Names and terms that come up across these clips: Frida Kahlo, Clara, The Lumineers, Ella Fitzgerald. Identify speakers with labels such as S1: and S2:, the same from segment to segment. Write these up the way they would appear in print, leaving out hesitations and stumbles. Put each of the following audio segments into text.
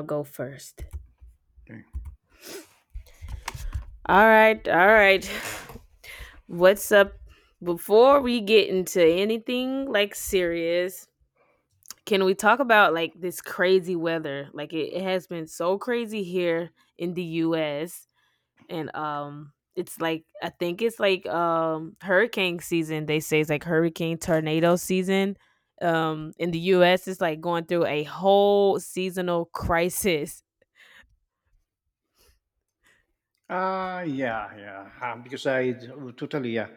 S1: I'll go first.
S2: Okay.
S1: All right, all right. What's up? Before we get into anything like serious, can we talk about like this crazy weather? Like it has been so crazy here in the US and it's like I think it's like hurricane season. They say it's like hurricane tornado season. In the US it's like going through a whole seasonal crisis.
S2: Yeah, yeah. Ah, because I oh, totally, yeah.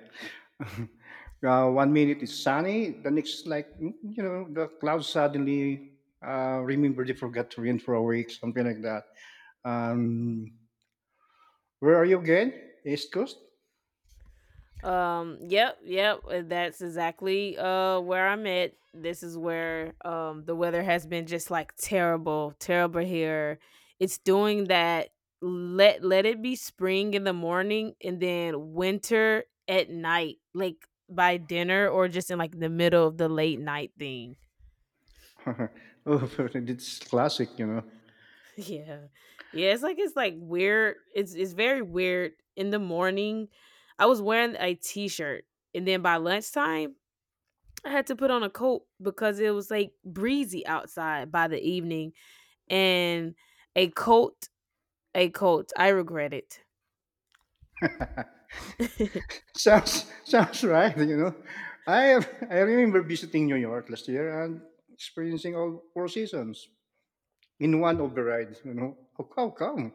S2: One minute it's sunny, the next is like you know, the clouds suddenly remember they forgot to rain for a week, something like that. Um, where are you again? East Coast.
S1: Yep, yep. That's exactly where I'm at. This is where the weather has been just like terrible, terrible here. It's doing that, let it be spring in the morning and then winter at night, like by dinner or just in like the middle of the late night thing.
S2: oh, it's classic, you know.
S1: Yeah. Yeah, it's like weird. It's very weird in the morning. I was wearing a t-shirt, and then by lunchtime I had to put on a coat because it was like breezy outside by the evening. And a coat, a coat. I regret it.
S2: Sounds right, you know. I remember visiting New York last year and experiencing all four seasons in one override. You know, how come?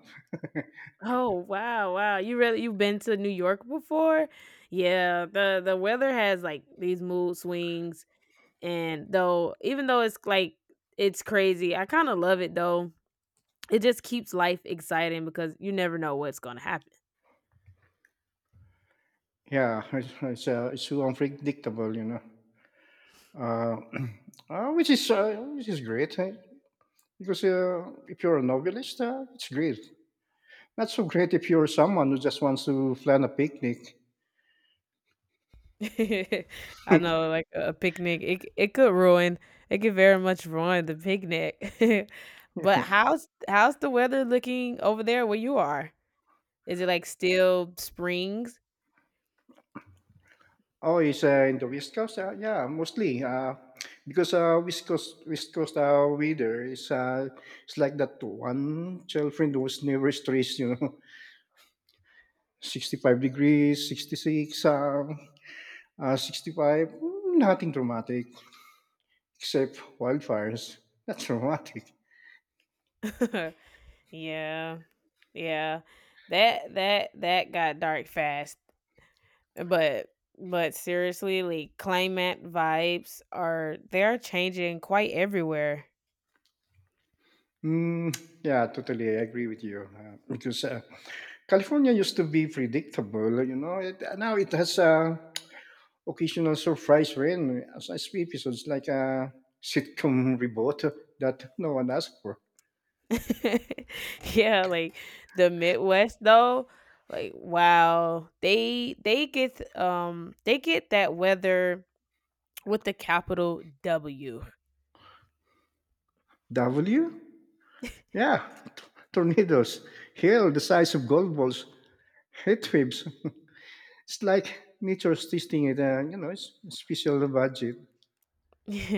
S1: Oh wow, wow. You've been to New York before? Yeah, the weather has like these mood swings, and though even though it's like it's crazy, I kind of love it though. It just keeps life exciting because you never know what's going to happen.
S2: Yeah, it's it's so unpredictable, you know. Uh, which is great, eh? Because if you're a novelist, it's great. Not so great if you're someone who just wants to plan a picnic.
S1: I know, like a picnic, it could ruin, it could very much ruin the picnic. But how's the weather looking over there where you are? Is it like still springs?
S2: Oh, it's in the West Coast. Yeah, mostly, because West Coast weather is it's like that one girlfriend who was never stressed. You know, 65 degrees, 66, 65. Nothing dramatic, except wildfires. That's romantic.
S1: Yeah, yeah. That got dark fast. But seriously, like climate vibes are changing quite everywhere.
S2: Mm, yeah, totally. I agree with you, because California used to be predictable. You know, now it has occasional surprise rain as I speak, so it's like a sitcom reboot that no one asked for.
S1: Yeah, like the Midwest though, like wow, they get that weather with the capital W.
S2: W? Yeah, t- tornadoes, hail the size of golf balls, heat waves. It's like nature's testing it. You know, it's a special budget.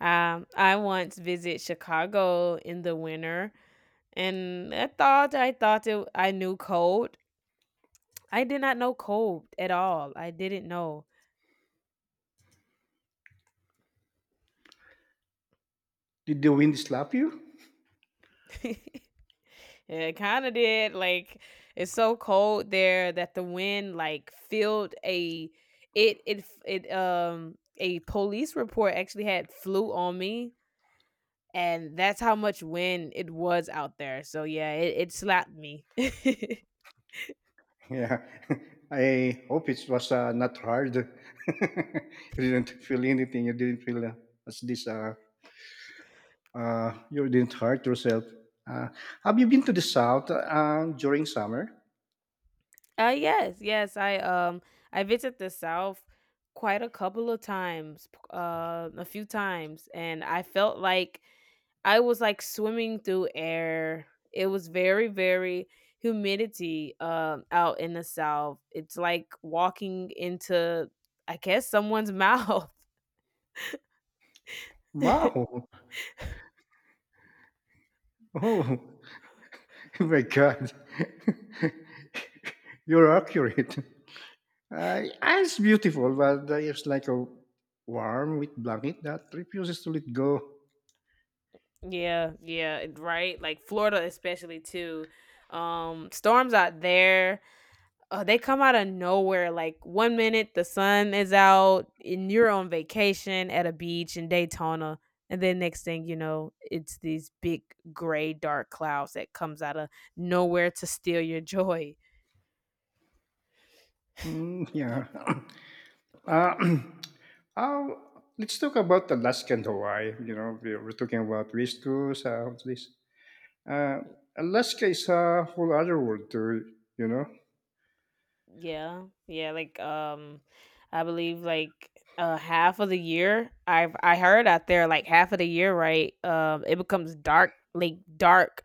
S1: um, I once visit Chicago in the winter, and I knew cold. I did not know cold at all. I didn't know.
S2: Did the wind slap you?
S1: Yeah, it kinda did. Like, it's so cold there that the wind, like, filled a it it f it, a police report actually had flew on me, and that's how much wind it was out there, so yeah, it slapped me.
S2: Yeah, I hope it was not hard. You didn't feel anything. You didn't feel as this. You didn't hurt yourself. Uh, have you been to the south during summer?
S1: Yes, yes, I visit the South quite a couple of times, p a few times, and I felt like I was like swimming through air. It was very, very humidity out in the South. It's like walking into, I guess, someone's mouth. Yeah,
S2: Wow! Oh, my God! You're accurate. It's beautiful, but it's like a warm with blanket that refuses to let go.
S1: yeah, right. Like Florida, especially too. Storms out there. Oh, they come out of nowhere. Like one minute the sun is out and you're on vacation at a beach in Daytona. And then next thing you know, it's these big gray dark clouds that comes out of nowhere to steal your joy.
S2: Yeah. Uh, how- let's talk about Alaska and Hawaii. You know, we're talking about wish tools, what's this? Uh, Alaska is a whole other world too. You know.
S1: Yeah, yeah, like I believe, like half of the year, I heard out there like half of the year, right? It becomes dark, like dark,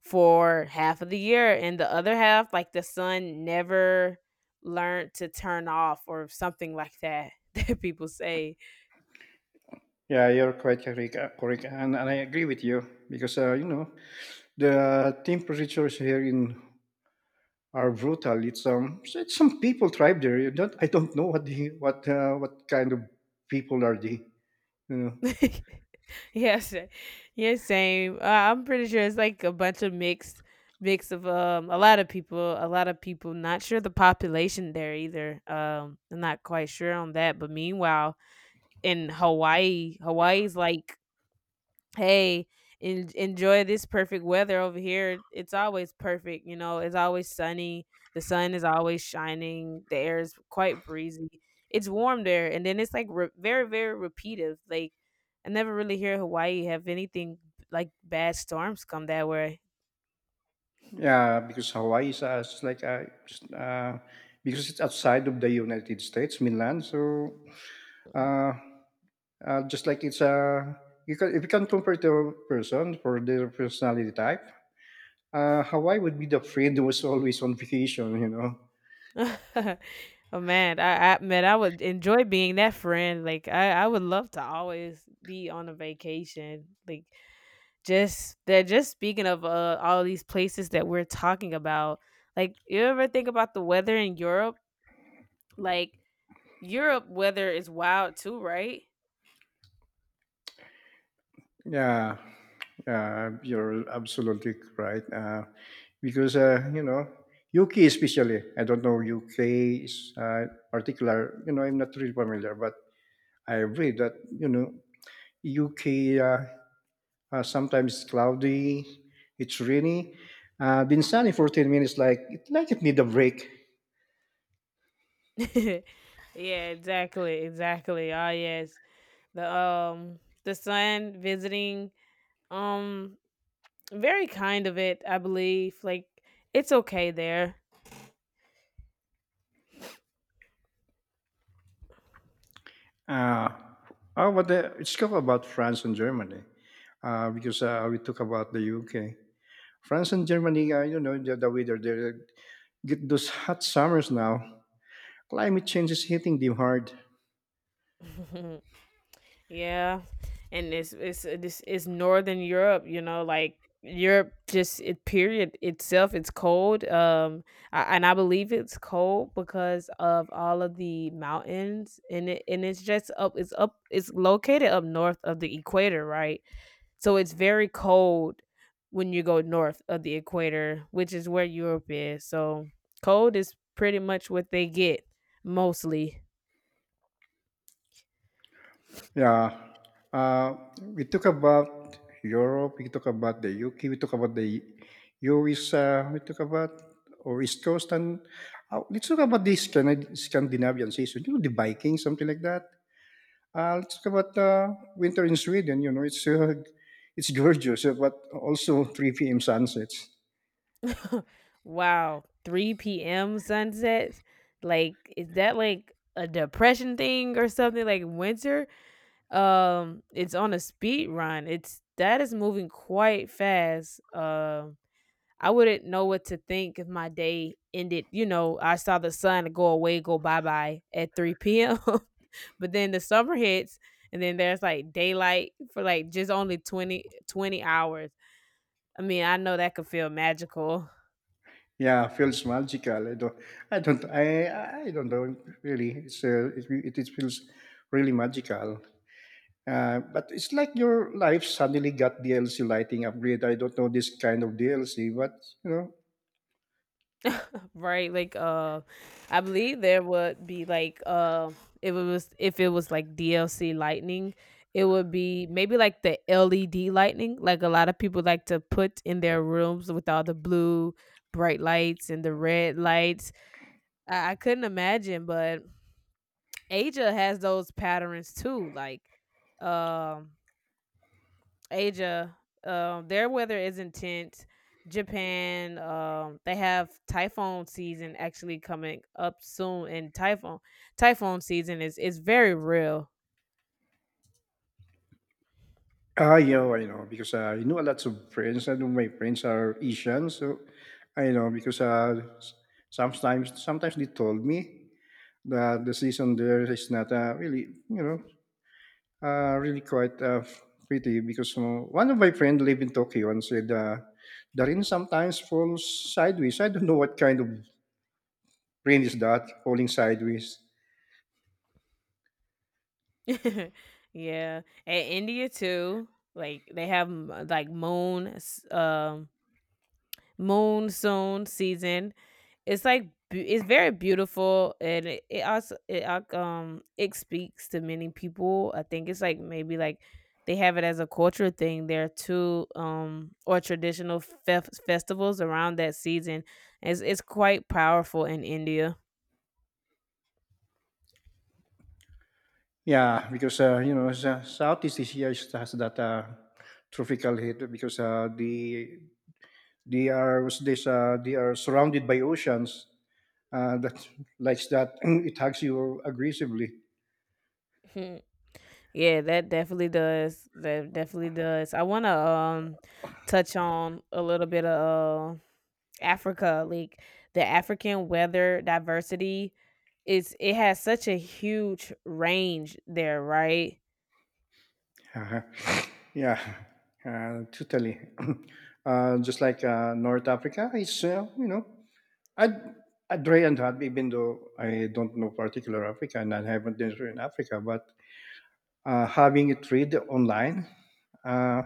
S1: for half of the year, and the other half, like, the sun never learned to turn off or something like that, that people say.
S2: Yeah, you're quite correct, correct, and I agree with you because you know, the temperatures here in are brutal. It's So it's some people tribe there. You don't, I don't know what the, what kind of people are they. You know.
S1: Yes, yeah, same. I'm pretty sure it's like a bunch of mix of a lot of people, a lot of people. Not sure the population there either. I'm not quite sure on that. But meanwhile, in Hawaii's like, hey, enjoy this perfect weather over here. It's always perfect, it's always sunny. The sun is always shining. The air is quite breezy. It's warm there, and then it's like very, very repetitive. Like I never really hear Hawaii have anything like bad storms come that way.
S2: Yeah, because Hawaii is it's like just, because it's outside of the United States mainland, so uh, just like it's you can if you can compare the person for their personality type, Hawaii would be the friend who was always on vacation, you know.
S1: Oh man, I would enjoy being that friend. Like, I would love to always be on a vacation. Like, just they're just speaking of all these places that we're talking about, like, you ever think about the weather in Europe? Like, Europe weather is wild too, right?
S2: Yeah, yeah, you're absolutely right. Because you know, UK especially. I don't know, UK is particular. You know, I'm not really familiar, but I read that you know UK, sometimes it's cloudy, it's rainy. Been sunny for 10 minutes, like like it need a break.
S1: Yeah, exactly, exactly. Oh yes, the sun visiting, um very kind of it, I believe. Like, it's okay there.
S2: Uh, oh, but let talk about France and Germany, because we talk about the UK. France and Germany, you know, the weather, they get those hot summers now. Climate change is hitting them hard.
S1: Yeah, and it's this is Northern Europe, like Europe just, it, period itself. It's cold, and I believe it's cold because of all of the mountains, and it's just up. It's up. It's located up north of the equator, right? So it's very cold when you go north of the equator, which is where Europe is. So cold is pretty much what they get mostly.
S2: Yeah. We talk about Europe, we talk about the UK, we talk about the US, we talk about or East Coast, and let's talk about the Scandinavian season, you know, the Vikings, something like that. Let's talk about winter in Sweden, you know, it's gorgeous, but also 3 p.m. sunsets.
S1: Wow, 3 p.m. sunsets? Like, is that like a depression thing or something? Like winter? It's on a speed run. It's that is moving quite fast. I wouldn't know what to think if my day ended, you know, I saw the sun go away, go bye bye at 3 p.m. But then the summer hits, and then there's like daylight for like just only twenty hours. I mean, I know that could feel magical.
S2: Yeah, feels magical. I don't know, really. It feels really magical. But it's like your life suddenly got DLC lighting upgrade. I don't know this kind of DLC, but you know.
S1: Right? Like I believe there would be, like if it was like DLC lightning, it would be maybe like the LED lightning, like a lot of people like to put in their rooms with all the blue bright lights and the red lights. I couldn't imagine, but Asia has those patterns too. Like, um Asia, their weather is intense. Japan, they have typhoon season actually coming up soon, and typhoon season is very real.
S2: Yeah, oh, I know, because I know a lot of friends, and my friends are Asian, so I know because sometimes they told me that the season there is not really, you know, really quite pretty because you know, one of my friends live in Tokyo and said the rain sometimes falls sideways. I don't know what kind of rain is that falling sideways.
S1: Yeah, and India too. Like, they have monsoon season. It's like it's very beautiful, and it also it speaks to many people. I think it's like maybe like they have it as a culture thing there too, or traditional festivals around that season. It's quite powerful in India.
S2: Yeah, because, you know, Southeast Asia has that tropical heat because they are what's this, they are surrounded by oceans that likes that it hugs you aggressively.
S1: Hmm. Yeah, that definitely does. That definitely does. I want to touch on a little bit of, Africa. Like, the African weather diversity is it has such a huge range there, right?
S2: Uh-huh. Yeah, totally. Just like North Africa, it's you know, I'd, I'd try and hot even though I don't know particular Africa and I haven't been to in Africa, but having it read online. Uh,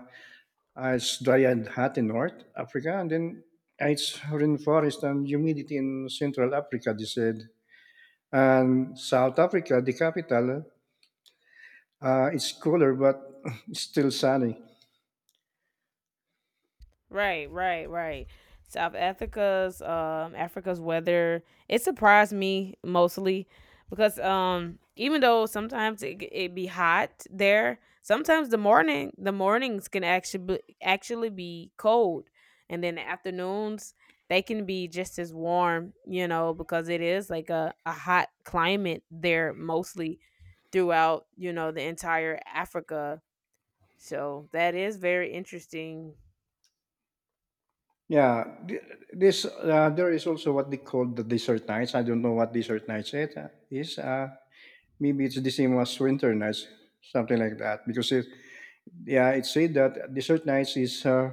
S2: It's dry and hot in North Africa, and then it's rainforest and humidity in Central Africa, they said. And South Africa, the capital, it's cooler but it's still sunny.
S1: Right, right, right. South Africa's Africa's weather, it surprised me mostly because even though sometimes it be hot there, sometimes the mornings can actually be cold, and then the afternoons they can be just as warm, because it is like a hot climate there mostly throughout the entire Africa. So that is very interesting.
S2: Yeah, this there is also what they call the desert nights. I don't know what desert nights it is. Maybe it's the same as winter nights, something like that. Because yeah, it said that desert nights is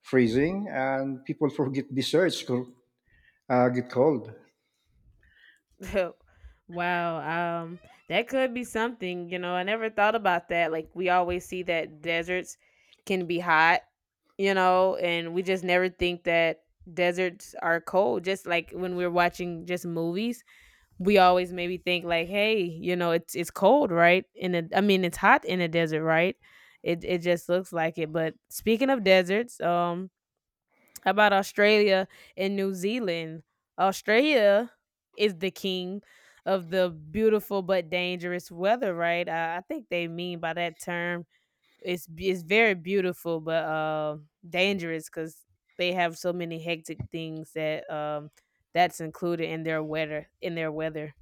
S2: freezing and people forget desserts get cold.
S1: Wow, that could be something. You know, I never thought about that. Like, we always see that deserts can be hot, and we just never think that deserts are cold. Just like when we're watching just movies, we always maybe think like, hey, you know, it's cold, right? I mean, it's hot in a desert, right? It just looks like it. But speaking of deserts, how about Australia and New Zealand? Australia is the king of the beautiful but dangerous weather, right? I think they mean by that term, it's very beautiful but dangerous, because they have so many hectic things that that's included in their weather.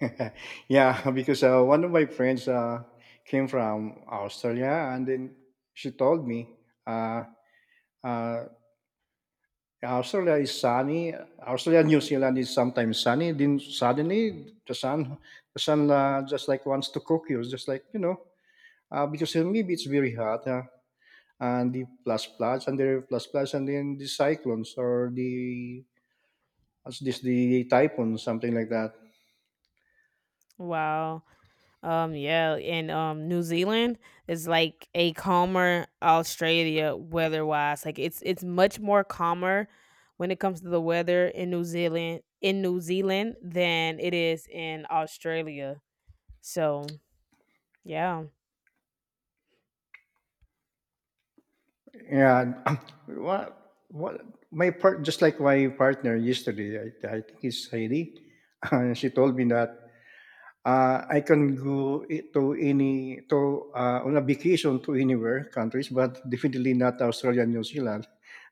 S2: Yeah, because one of my friends came from Australia, and then she told me, uh, uh, Australia is sunny. Australia, New Zealand is sometimes sunny. Then suddenly the sun just like wants to cook you, just like you know, because maybe it's very hot. And the plus plus and the plus plus and then the cyclones or the what's this, the typhoon, something like that.
S1: Wow. Yeah, and New Zealand is like a calmer Australia weather-wise. Like, it's much more calmer when it comes to the weather in New Zealand than it is in Australia. So yeah.
S2: Yeah, what my part just like my partner yesterday, I think it's Heidi, and she told me that I can go to any to on a vacation to anywhere countries, but definitely not Australia and New Zealand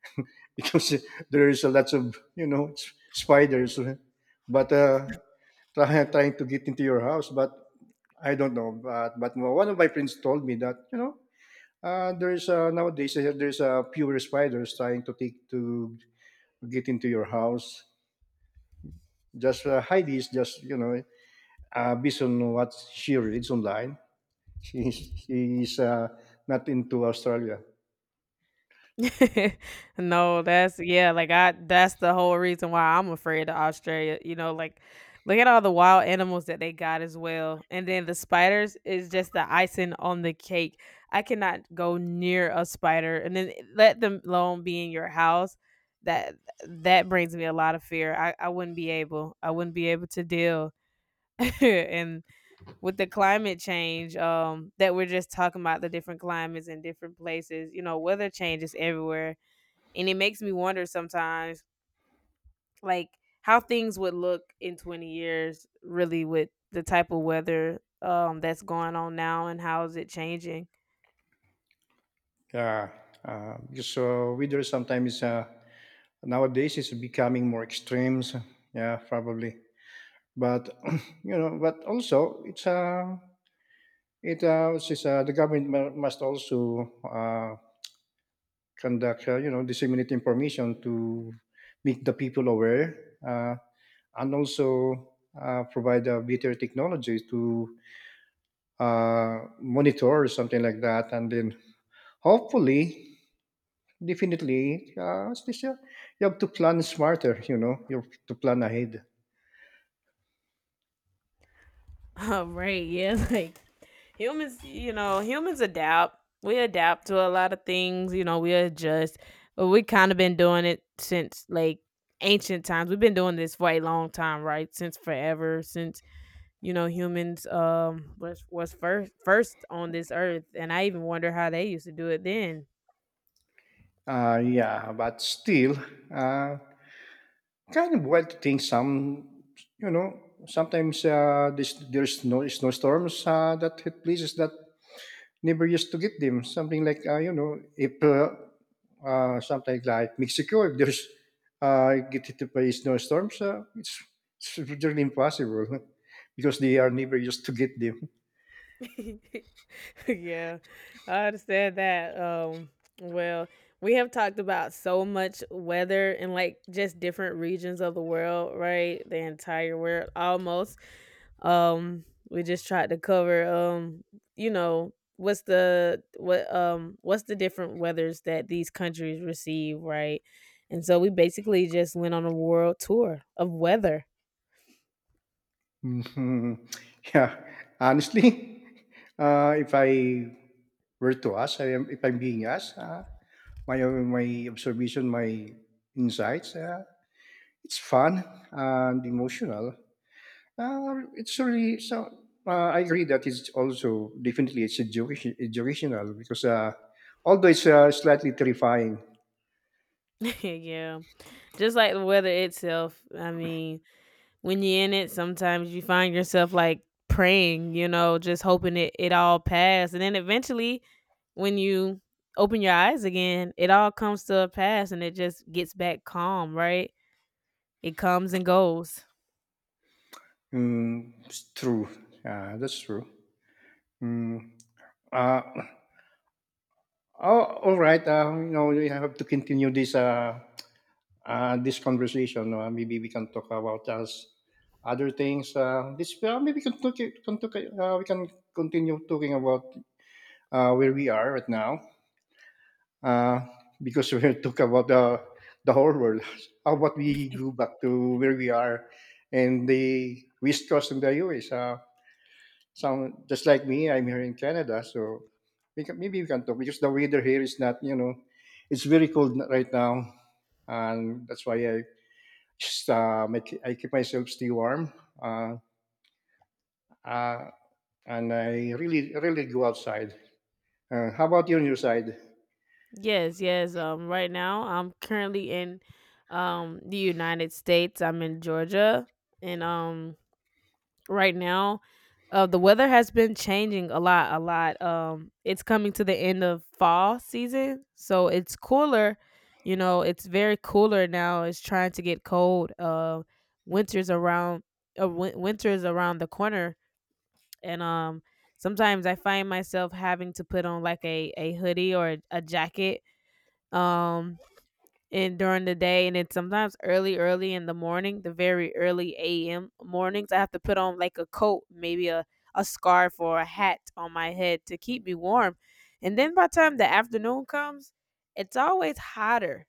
S2: because there's a lots of you know spiders. But try, trying to get into your house, but I don't know. But one of my friends told me that you know there's nowadays there's pure spiders trying to take to get into your house. Just Heidi is just you know based on what she reads online, she is not into Australia.
S1: No, that's the whole reason why I'm afraid of Australia. You know, like, look at all the wild animals that they got as well. And then the spiders is just the icing on the cake. I cannot go near a spider, and then let them alone be in your house. That that brings me a lot of fear. I wouldn't be able. I wouldn't be able to deal. And with the climate change that we're just talking about, the different climates in different places, weather changes everywhere, and it makes me wonder sometimes, like, how things would look in 20 years, really, with the type of weather that's going on now, and how is it changing?
S2: Yeah, because so weather sometimes nowadays is becoming more extremes. Yeah, probably. But you know, but also the government must also conduct, you know, disseminate information to make the people aware, and also provide better technology to monitor or something like that. And then hopefully, definitely, as they say, you have to plan smarter, you know, you have to plan ahead.
S1: Oh, right, yeah. Like, humans you know humans adapt. We adapt to a lot of things. We adjust, but we kind of been doing it since like ancient times. We've been doing this for a long time, right, since forever, since humans was first on this earth, and I even wonder how they used to do it then.
S2: Yeah, but still, uh, kind of wild to think some, you know, sometimes there's no snowstorms that hit places that never used to get them. Something like, you know, if something like Mexico, if there's get hit by snowstorms, it's really impossible because they are never used to get them.
S1: Yeah, I understand that. Well, we have talked about so much weather, and like, just different regions of the world, right? The entire world almost. Um, we just tried to cover you know, what's the what what's the different weathers that these countries receive, right? And so we basically just went on a world tour of weather.
S2: Mhm. Yeah, honestly, if I were to ask, if I'm being asked, my my observation, my insights, it's fun and emotional. It's really so. I agree that it's also definitely it's educational because although it's slightly terrifying.
S1: Yeah. Just like the weather itself. I mean, when you're in it, sometimes you find yourself like praying, you know, just hoping it all pass. And then eventually, when you open your eyes again, it all comes to a pass and it just gets back calm, right? It comes and goes.
S2: It's true. That's true. Mm, uh, oh, all right. You know, we have to continue this conversation. Maybe we can talk about us other things. This Maybe we can continue talking about where we are right now. uh, because we talk about the whole world. How about we go back to where we are and the West Coast in the US? Some just like me, I'm here in Canada, so maybe we can talk because the weather here is not, you know, it's very cold right now, and that's why I just make I keep myself still warm. Uh, uh, and I really, really go outside. How about you on your side?
S1: Yes, yes. Right now, I'm currently in the United States. I'm in Georgia. And right now. The weather has been changing a lot, a lot. It's coming to the end of fall season, so it's cooler. You know, it's very cooler now. It's trying to get cold. Winter's around. Winter's around the corner, and sometimes I find myself having to put on like a hoodie or a jacket um and during the day. And it's sometimes early early in the morning, the very early am mornings, I have to put on like a coat, maybe a scarf or a hat on my head to keep me warm. And then by the time the afternoon comes, it's always hotter.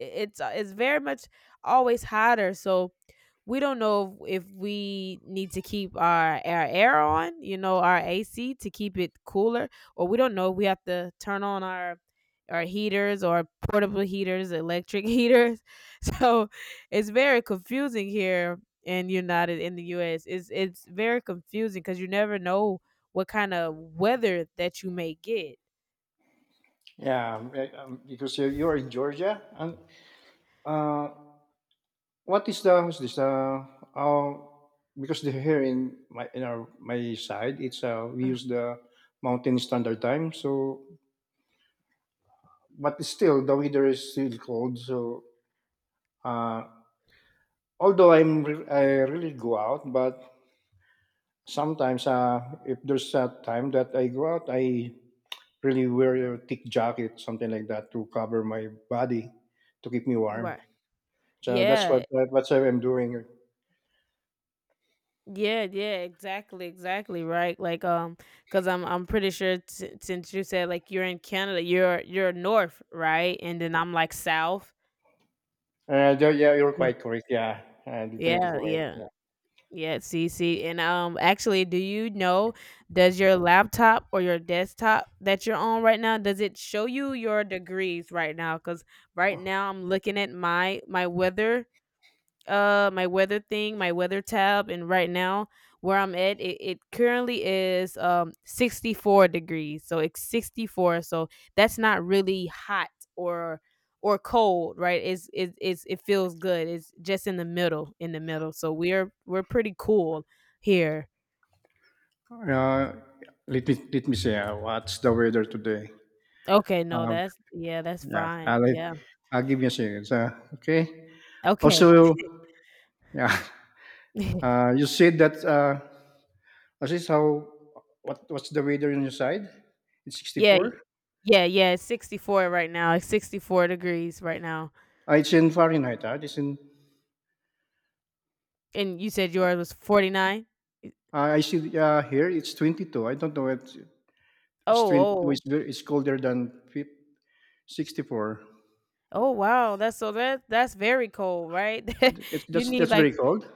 S1: It's very much always hotter, so we don't know if we need to keep our air on, you know, our AC to keep it cooler, or we don't know if we have to turn on our heaters or portable heaters, electric heaters. So it's very confusing here in United in the US. It's very confusing because you never know what kind of weather that you may get.
S2: Yeah, because you're in Georgia. And Uh, what is the what's this? Uh, because the here in my in our my side, it's we
S1: Ugh.
S2: use the mountain standard time. So, but still the weather is still cold. So, uh, although I really go out, but sometimes if there's a time that I go out, I really wear a thick jacket, something like that, to cover my body to keep me warm.
S1: Right.
S2: So
S1: Yeah.
S2: that's what I'm doing.
S1: Yeah, yeah, exactly, exactly, right. Like, because I'm pretty sure since you said like you're in Canada, you're north, right? And then I'm like south.
S2: Yeah, yeah, you're
S1: Yeah,
S2: quite correct. Yeah, definitely
S1: yeah,
S2: correct. Yeah.
S1: yeah. Yeah, see, and actually, do you know? Does your laptop or your desktop that you're on right now, does it show you your degrees right now? Because right now I'm looking at my weather, my weather thing, my weather tab, and right now where I'm at, it currently is 64 degrees. So it's 64. So that's not really hot or cold, right? It's it feels good. It's just in the middle, in the middle. So we're pretty cool here.
S2: Uh, let me see. What's the weather today?
S1: Okay, no,
S2: Um,
S1: that's yeah, that's
S2: yeah,
S1: fine. Yeah.
S2: I'll give you a second. Okay.
S1: Okay.
S2: Also, yeah. You said that. This is this how. What what's the weather on your side? It's sixty
S1: Yeah.
S2: four.
S1: Yeah, yeah, it's 64 right now. It's 64 degrees right now.
S2: It's in Fahrenheit. It's in.
S1: And you said yours was 49?
S2: I see. Here it's 22. I don't know. It's
S1: Oh,
S2: 22.
S1: oh.
S2: It's colder than 64.
S1: Oh, wow. That's so that's very cold, right?
S2: It's
S1: You need
S2: that's
S1: like,
S2: very cold.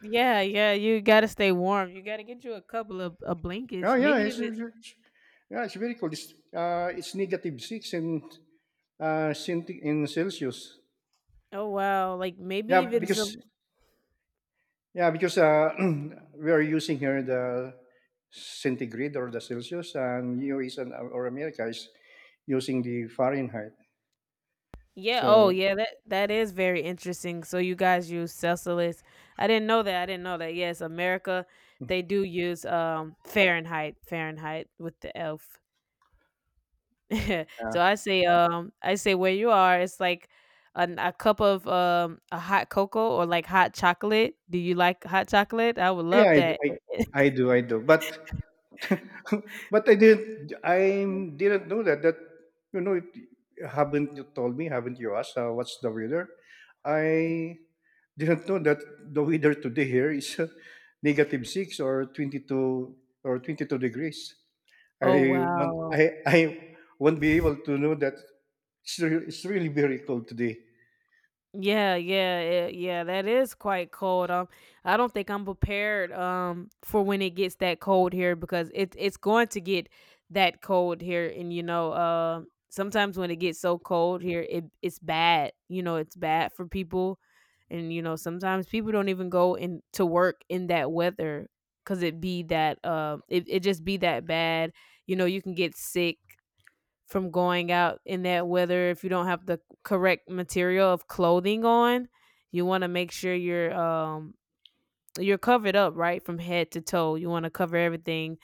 S1: yeah, yeah, you gotta stay warm. You gotta get you a couple of
S2: Oh,
S1: blankets.
S2: yeah,
S1: Maybe
S2: it's
S1: even,
S2: it's it's yeah, it's very cold. It's negative six in in Celsius.
S1: oh wow, like maybe
S2: Yeah,
S1: even
S2: because
S1: some,
S2: yeah, because we are using here the centigrade or the Celsius, and you is an, or America is using the Fahrenheit.
S1: yeah, oh
S2: So
S1: yeah, that is very interesting. So you guys use Celsius. I didn't know that. I didn't know that. Yes, America, they do use Fahrenheit, Fahrenheit with the elf. So
S2: uh,
S1: I say where you are, it's like a cup of a hot cocoa or like hot chocolate. Do you like hot chocolate? I would
S2: yeah,
S1: love that.
S2: I do but but I didn't. I Didn't know that. That you know, haven't you told me? Haven't you asked what's the weather? I didn't know that the weather today here is negative 6 or 22 or 22 degrees.
S1: Oh wow.
S2: I won't be able to know that it's, it's really very cold today.
S1: Yeah, yeah, yeah, yeah, that is quite cold. I don't think I'm prepared for when it gets that cold here because it's going to get that cold here. And you know, sometimes when it gets so cold here, it's bad. You know, it's bad for people. And you know, sometimes people don't even go in to work in that weather, cuz it be that it it just be that bad. You know, you can get sick from going out in that weather if you don't have the correct material of clothing on. You want to make sure you're covered up right from head to toe. You want to cover everything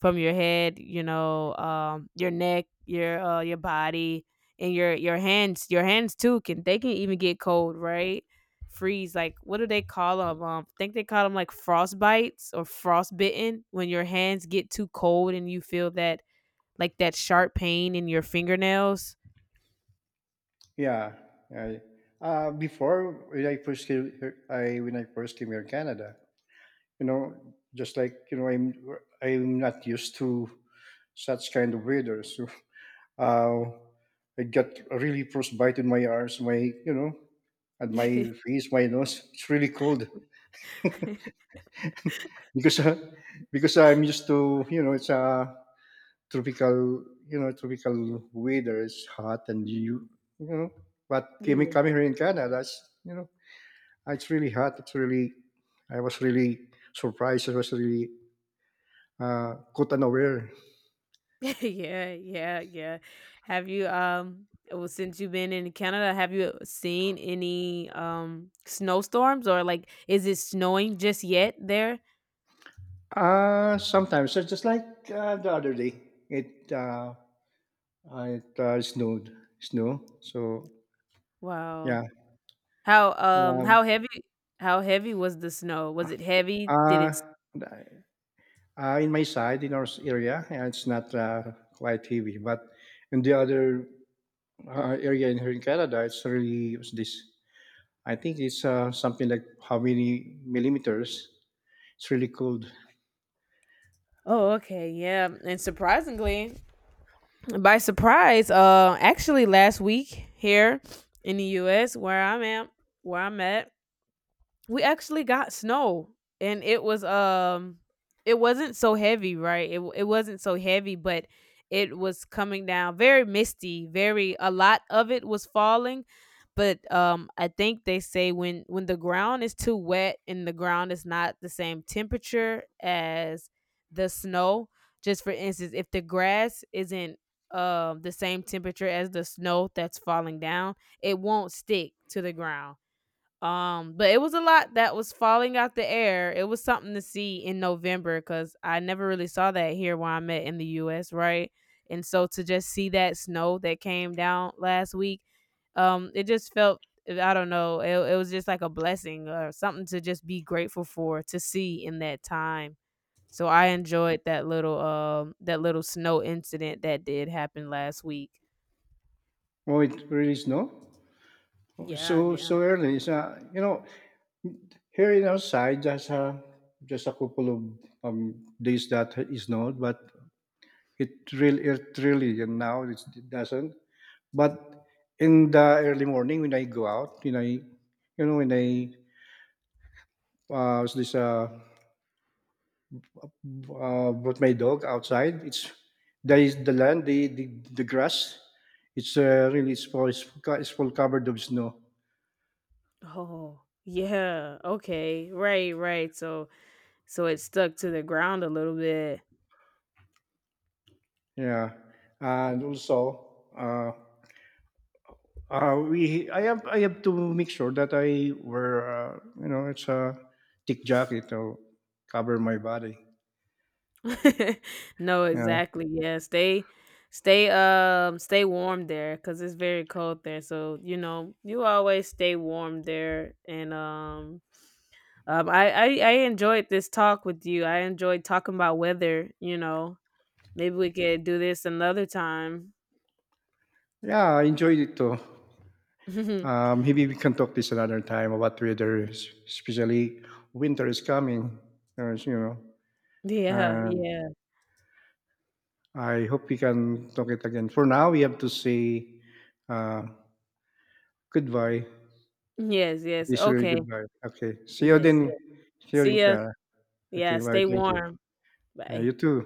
S1: from your head, you know, your neck, your body, and your hands. Your hands too can, they can even get cold, right? Freeze, like what do they call them, I think they call them like frostbites or frostbitten, when your hands get too cold and you feel that, like that sharp pain in your fingernails.
S2: Yeah. I, Before when I first came, I when I first came here in Canada, you know, just like you know, I'm not used to such kind of weather. So uh, I got really frostbite bite in my arms, my you know, and
S1: Yeah.
S2: my face, my nose. It's really cold because because I'm used to you know, it's a tropical you know tropical weather. It's hot and you you know, but coming here in Canada, it's, you know, it's really hot. It's really I was really surprised. I was really caught unaware.
S1: Yeah, yeah, yeah. Have you? Well, since you've been in Canada, have you seen any snowstorms, or like is it snowing just yet there?
S2: Sometimes, so just like the other day, it uh, it snowed, snow. So
S1: Wow.
S2: yeah, um,
S1: How heavy, how heavy was the snow? Was it heavy? Did it,
S2: uh, in my side, in our area, it's not quite heavy, but in the other area in here in Canada, it's really what's this. I think it's something like how many millimeters? It's really cold.
S1: oh, okay. Yeah. And surprisingly, by surprise, actually last week here in the US where I'm at, we actually got snow and it was it wasn't so heavy, right? It wasn't so heavy, but it was coming down very misty, very, a lot of it was falling. But I think they say when the ground is too wet and the ground is not the same temperature as the snow, just for instance, if the grass isn't the same temperature as the snow that's falling down, it won't stick to the ground. But it was a lot that was falling out the air. It was something to see in November because I never really saw that here where I'm at in the US, right? And so to just see that snow that came down last week, it just felt, I don't know, it was just like a blessing or something to just be grateful for, to see in that time. So I enjoyed that little snow incident that did happen last week.
S2: Oh, it really snow. Oh,
S1: Yeah,
S2: so
S1: yeah.
S2: so early. You know, here in outside, just a couple of days that is snowed, but it really and now it's, it doesn't. But in the early morning when I go out, when I you know when I was this brought my dog outside, it's there is the grass. It's really it's full covered of snow.
S1: Oh, yeah. Okay. Right, right. So, so it stuck to the ground a little bit.
S2: Yeah, and also. Uh, we I have to make sure that I wear you know it's a thick jacket to cover my body.
S1: No,
S2: Yeah,
S1: exactly, yeah, stay, stay, stay warm there, cause it's very cold there, so, you know, you always stay warm there. And, I I enjoyed this talk with you. I enjoyed talking about weather, you know, maybe we could do this another time.
S2: yeah, I enjoyed it too. Maybe we can talk this another time about weather, especially winter is coming. As you know,
S1: Yeah,
S2: and
S1: yeah.
S2: I hope we can talk it again. For now, we have to say uh, goodbye.
S1: Yes, yes,
S2: This really
S1: okay,
S2: goodbye. Okay, see you
S1: yes,
S2: then.
S1: yes.
S2: See you then,
S1: See ya.
S2: Clara.
S1: Yeah,
S2: Okay, bye.
S1: stay
S2: Thank you.
S1: warm. Bye.
S2: You too.